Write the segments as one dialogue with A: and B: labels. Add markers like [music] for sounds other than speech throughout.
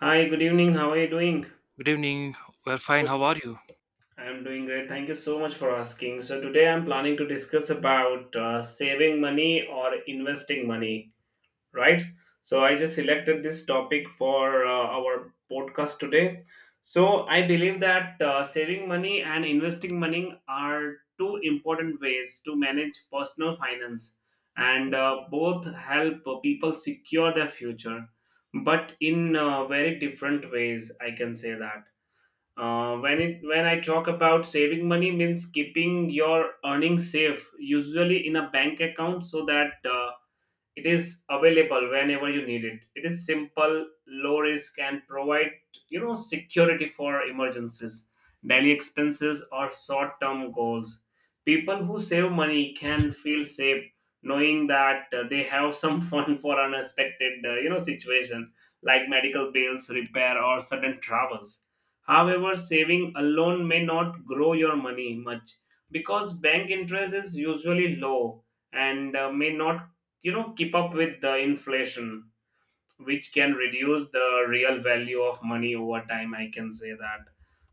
A: Hi, good evening. How are you doing?
B: Good evening. We're fine. How are
C: Totally.
B: you?
A: I'm doing great. Thank you so much for asking. So today I'm planning to discuss about saving money or investing money, right? So I just selected this topic for our podcast today. So I believe that saving money and investing money are two important ways to manage personal finance, and both help people secure their future, but in very different ways, I can say that. When I talk about saving money means keeping your earnings safe, usually in a bank account, so that it is available whenever you need it. It is simple, low risk, and provide, you know, security for emergencies, daily expenses, or short-term goals. People who save money can feel safe knowing that they have some [laughs] fund for unexpected you know, situation like medical bills, repair, or sudden travels. However, saving alone may not grow your money much because bank interest is usually low and may not, you know, keep up with the inflation, which can reduce the real value of money over time, I can say that.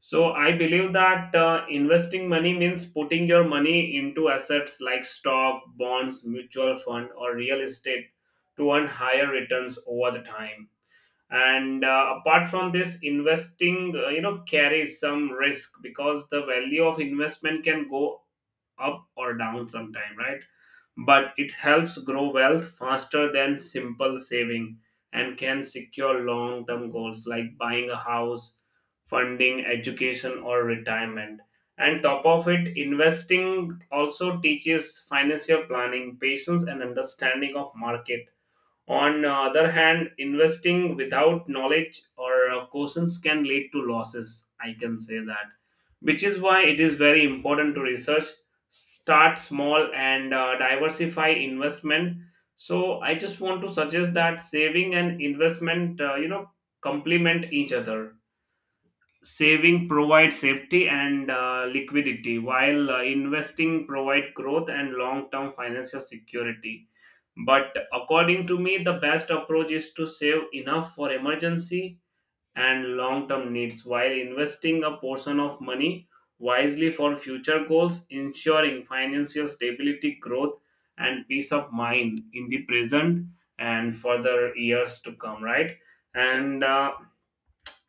A: So I believe that investing money means putting your money into assets like stock, bonds, mutual fund, or real estate to earn higher returns over the time. And apart from this, investing, you know, carries some risk because the value of investment can go up or down sometime, right? But it helps grow wealth faster than simple saving and can secure long term goals like buying a house, funding education, or retirement. And top of it, investing also teaches financial planning, patience, and understanding of market. On the other hand, investing without knowledge or cautions can lead to losses, I can say that, which is why it is very important to research, start small, and diversify investment. So I just want to suggest that saving and investment, you know, complement each other. Saving provides safety and liquidity, while investing provide growth and long-term financial security. But according to me, the best approach is to save enough for emergency and long term needs while investing a portion of money wisely for future goals, ensuring financial stability, growth, and peace of mind in the present and for the years to come, right? And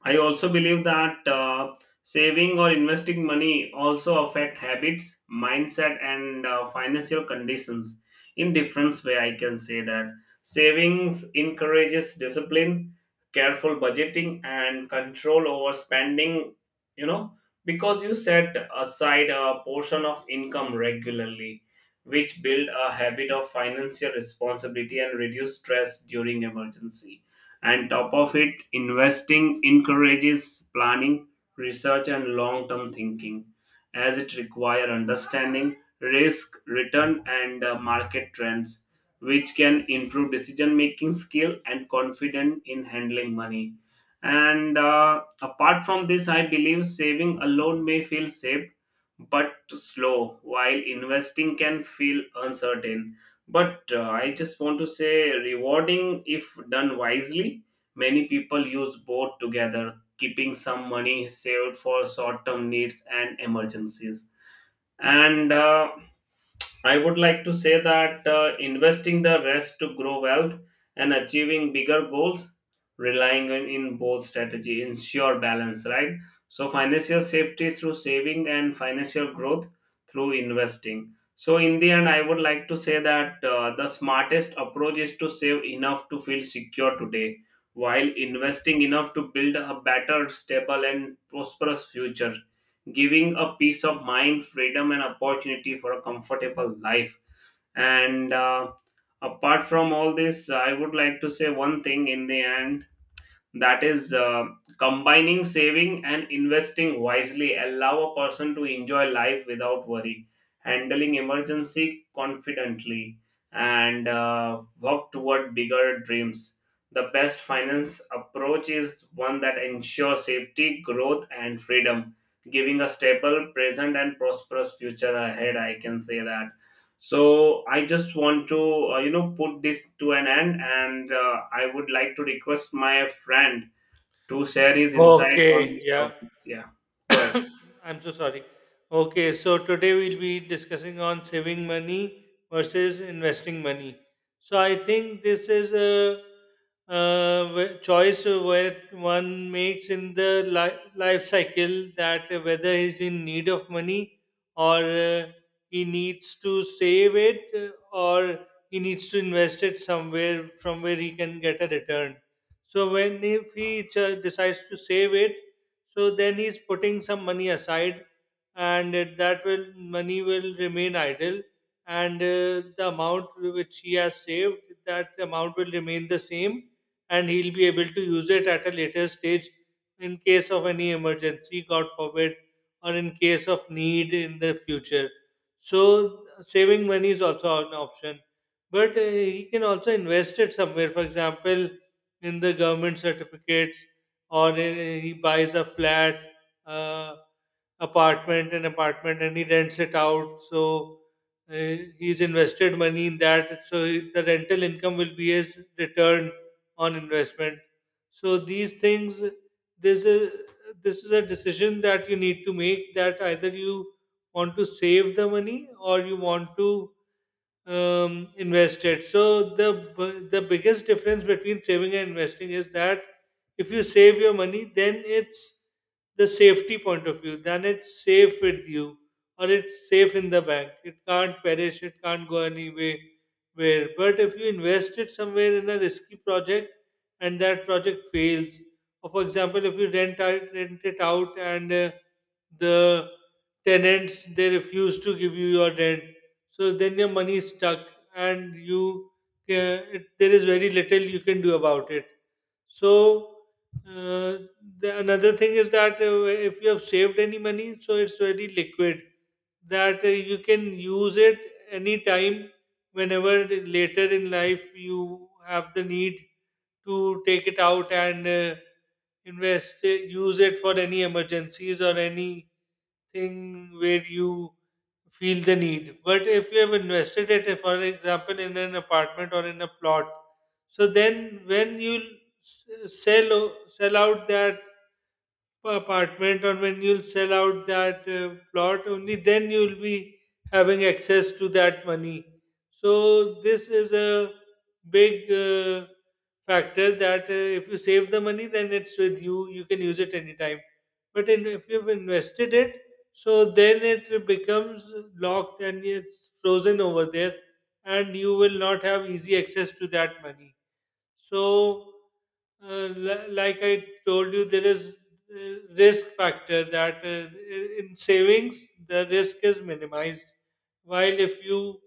A: I also believe that saving or investing money also affect habits, mindset, and financial conditions in different way, I can say that. Savings encourages discipline, careful budgeting, and control over spending. You know, because you set aside a portion of income regularly, which build a habit of financial responsibility and reduce stress during emergency. And top of it, investing encourages planning, research, and long term thinking, as it require understanding risk, return, and market trends, which can improve decision making skill and confidence in handling money. And apart from this, I believe saving alone may feel safe but slow, while investing can feel uncertain but I just want to say rewarding if done wisely. Many people use both together, keeping some money saved for short term needs and emergencies. And I would like to say that investing the rest to grow wealth and achieving bigger goals, relying on in both strategy, ensure balance, right? So financial safety through saving and financial growth through investing. So in the end, I would like to say that the smartest approach is to save enough to feel secure today, while investing enough to build a better, stable, and prosperous future, giving a peace of mind, freedom, and opportunity for a comfortable life. And apart from all this, I would like to say one thing in the end, that is combining saving and investing wisely allow a person to enjoy life without worry, handling emergency confidently, and work toward bigger dreams. The best finance approach is one that ensures safety, growth, and freedom, giving a stable present and prosperous future ahead, I can say that. So I just want to, you know, put this to an end, and I would like to request my friend to share his insight on
C: Okay,
A: these
C: yeah.
A: topics. Yeah, go ahead.
C: I'm so sorry. Okay, so today we'll be discussing on saving money versus investing money. So I think this is a, choice where one makes in the life cycle, that whether he's in need of money or he needs to save it, or he needs to invest it somewhere from where he can get a return. So when if he decides to save it, so then he's putting some money aside, and it- that will money will remain idle, and the amount which he has saved, that amount will remain the same, and he'll be able to use it at a later stage in case of any emergency, god forbid, or in case of need in the future. So saving money is also an option, but he can also invest it somewhere, for example in the government certificates, or he buys a flat, uh, apartment an apartment, and he rents it out. So uh, he's invested money in that, so the rental income will be his return on investment. So these things, this is this is a decision that you need to make, that either you want to save the money or you want to invested. So the the biggest difference between saving and investing is that if you save your money, then it's the safety point of view. Then it's safe with you, or it's safe in the bank. It can't perish. It can't go anywhere. Where, but if you invest it somewhere in a risky project, and that project fails, or for example, if you rent it out, and the tenants they refuse to give you your rent, so then your money is stuck, and there is very little you can do about it. So uh, the, another thing is that if you have saved any money, so it's very liquid, that you can use it anytime, whenever later in life you have the need to take it out, and invest it, use it for any emergencies or anything where you feel the need. But if you have invested it, if, for example, in an apartment or in a plot, so then when you sell out that apartment, or when you'll sell out that plot, only then you'll be having access to that money. So, this is a big factor, that if you save the money, then it's with you, you can use it anytime. But in, if you've invested it, so then it becomes locked and it's frozen over there, and you will not have easy access to that money. So, like I told you, there is risk factor, that in savings the risk is minimized, while if you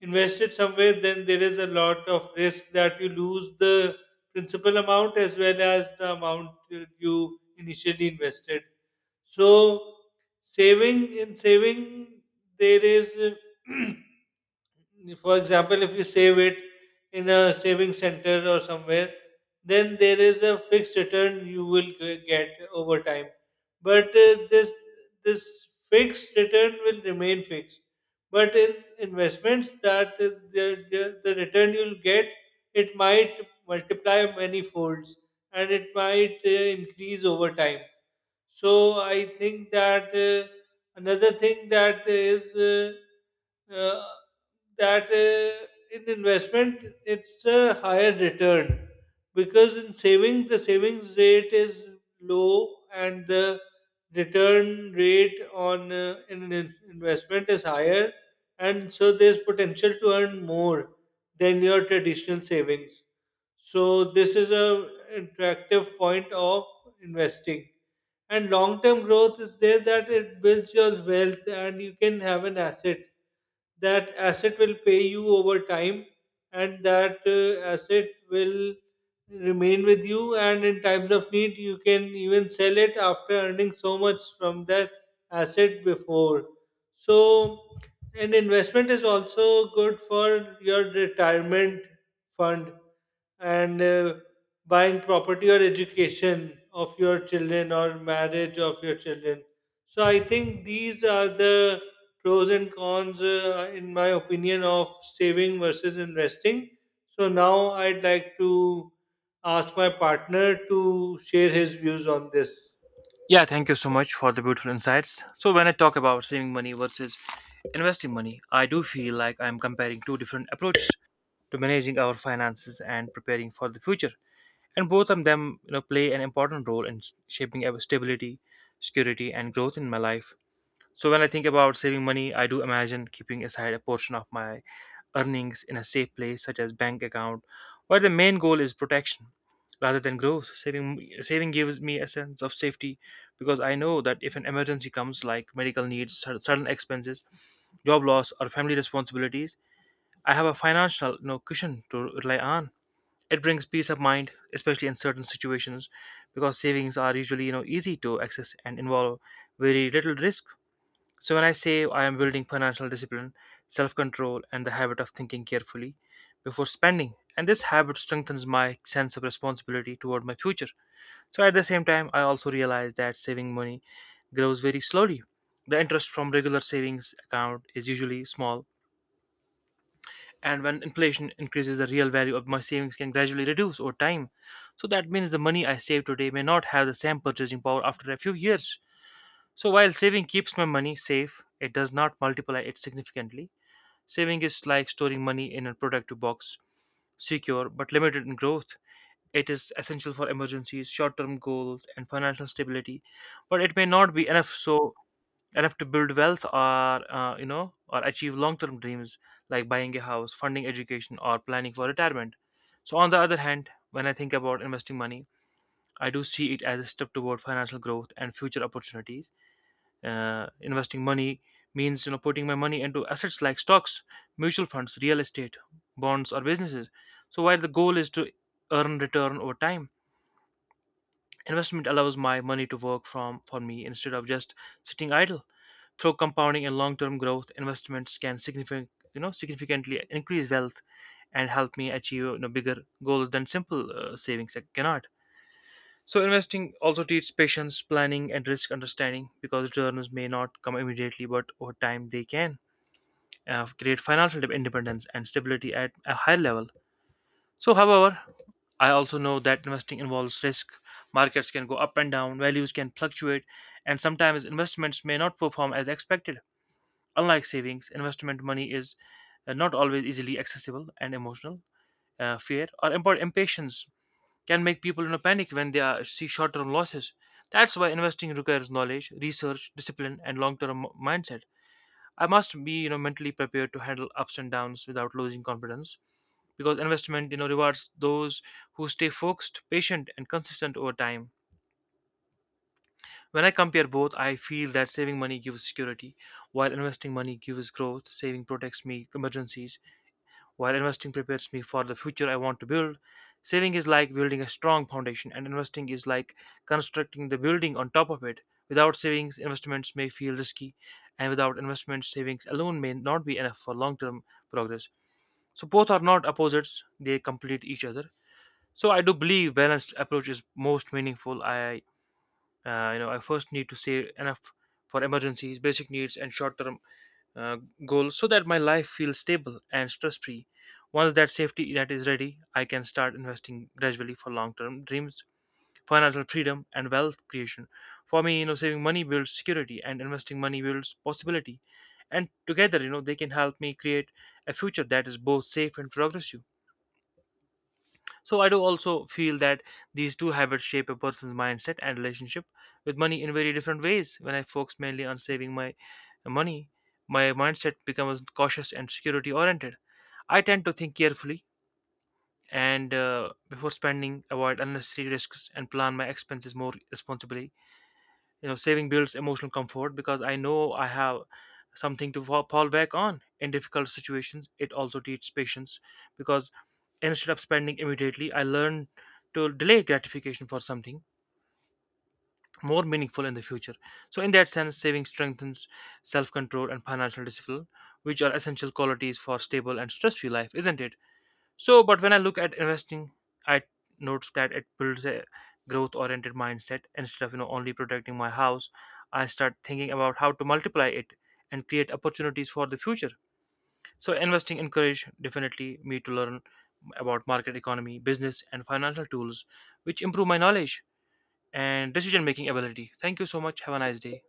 C: invest it somewhere, then there is a lot of risk that you lose the principal amount, as well as the amount you initially invested. So, saving in saving there is. [clears throat] For example, if you save it in a saving center or somewhere, then there is a fixed return you will get over time. But this this fixed return will remain fixed. But in investments, that the return you'll get, it might multiply many folds, and it might increase over time. So I think that. Another thing that is uh, that in investment it's a higher return, because in saving the savings rate is low, and the return rate on investment is higher, and so there's potential to earn more than your traditional savings. So this is a attractive point of investing, and long term growth is there, that it builds your wealth and you can have an asset. That asset will pay you over time, and that asset will remain with you, and in times of need you can even sell it after earning so much from that asset before. So an investment is also good for your retirement fund, and buying property or education of your children or marriage of your children. So I think these are the pros and cons, in my opinion, of saving versus investing. So now I'd like to ask my partner to share his views on this.
B: Yeah, thank you so much for the beautiful insights. So, when I talk about saving money versus investing money, I do feel like I'm comparing two different approaches to managing our finances and preparing for the future. And both of them, play an important role in shaping our stability, security, and growth in my life. So when I think about saving money, I do imagine keeping aside a portion of my earnings in a safe place, such as bank account, where the main goal is protection rather than growth. Saving gives me a sense of safety because I know that if an emergency comes, like medical needs, certain expenses, job loss, or family responsibilities, I have a financial, cushion to rely on. It brings peace of mind, especially in certain situations, because savings are usually, easy to access and involve very little risk. So, when I say I am building financial discipline, self control, and the habit of thinking carefully before spending, and this habit strengthens my sense of responsibility toward my future. So, at the same time, I also realize that saving money grows very slowly. The interest from regular savings account is usually small, and when inflation increases, the real value of my savings can gradually reduce over time. So, that means the money I save today may not have the same purchasing power after a few years. So while saving keeps my money safe, it does not multiply it significantly. Saving is like storing money in a productive box, secure but limited in growth. It is essential for emergencies, short-term goals, and financial stability, but it may not be enough so enough to build wealth or or achieve long-term dreams like buying a house, funding education, or planning for retirement. So on the other hand, when I think about investing money, I do see it as a step toward financial growth and future opportunities. Investing money means, putting my money into assets like stocks, mutual funds, real estate, bonds, or businesses. So while the goal is to earn return over time, investment allows my money to work from for me instead of just sitting idle. Through compounding and long-term growth, investments can significantly increase wealth and help me achieve, bigger goals than simple savings cannot. So investing also teaches patience, planning, and risk understanding, because returns may not come immediately, but over time they can create financial independence and stability at a higher level. So, however, I also know that investing involves risk. Markets can go up and down, values can fluctuate, and sometimes investments may not perform as expected. Unlike savings, investment money is not always easily accessible and emotional. Fear or impatience can make people in a panic when they are, see short-term losses. That's why investing requires knowledge, research, discipline, and long-term mindset. I must be, mentally prepared to handle ups and downs without losing confidence, because investment, rewards those who stay focused, patient, and consistent over time. When I compare both, I feel that saving money gives security, while investing money gives growth. Saving protects me emergencies, while investing prepares me for the future I want to build. Saving is like building a strong foundation, and investing is like constructing the building on top of it. Without savings, investments may feel risky, and without investments, savings alone may not be enough for long term progress. So, both are not opposites, they complete each other. So, I do believe balanced approach is most meaningful. I first need to save enough for emergencies, basic needs, and short term uh, goal, so that my life feels stable and stress free. Once that safety net is ready, I can start investing gradually for long term dreams, financial freedom, and wealth creation. For me, saving money builds security and investing money builds possibility. And together, they can help me create a future that is both safe and progressive. So I do also feel that these two habits shape a person's mindset and relationship with money in very different ways. When I focus mainly on saving my money, my mindset becomes cautious and security oriented. I tend to think carefully and before spending, avoid unnecessary risks, and plan my expenses more responsibly. You know, saving builds emotional comfort because I know I have something to fall back on in difficult situations. It also teaches patience, because instead of spending immediately I learn to delay gratification for something more meaningful in the future. So in that sense saving strengthens self-control and financial discipline, which are essential qualities for stable and stress-free life, isn't it? So, but when I look at investing, I notice that it builds a growth-oriented mindset. Instead of, only protecting my house, I start thinking about how to multiply it and create opportunities for the future. So, investing encouraged definitely me to learn about market economy, business, and financial tools, which improve my knowledge and decision-making ability. Thank you so much. Have a nice day.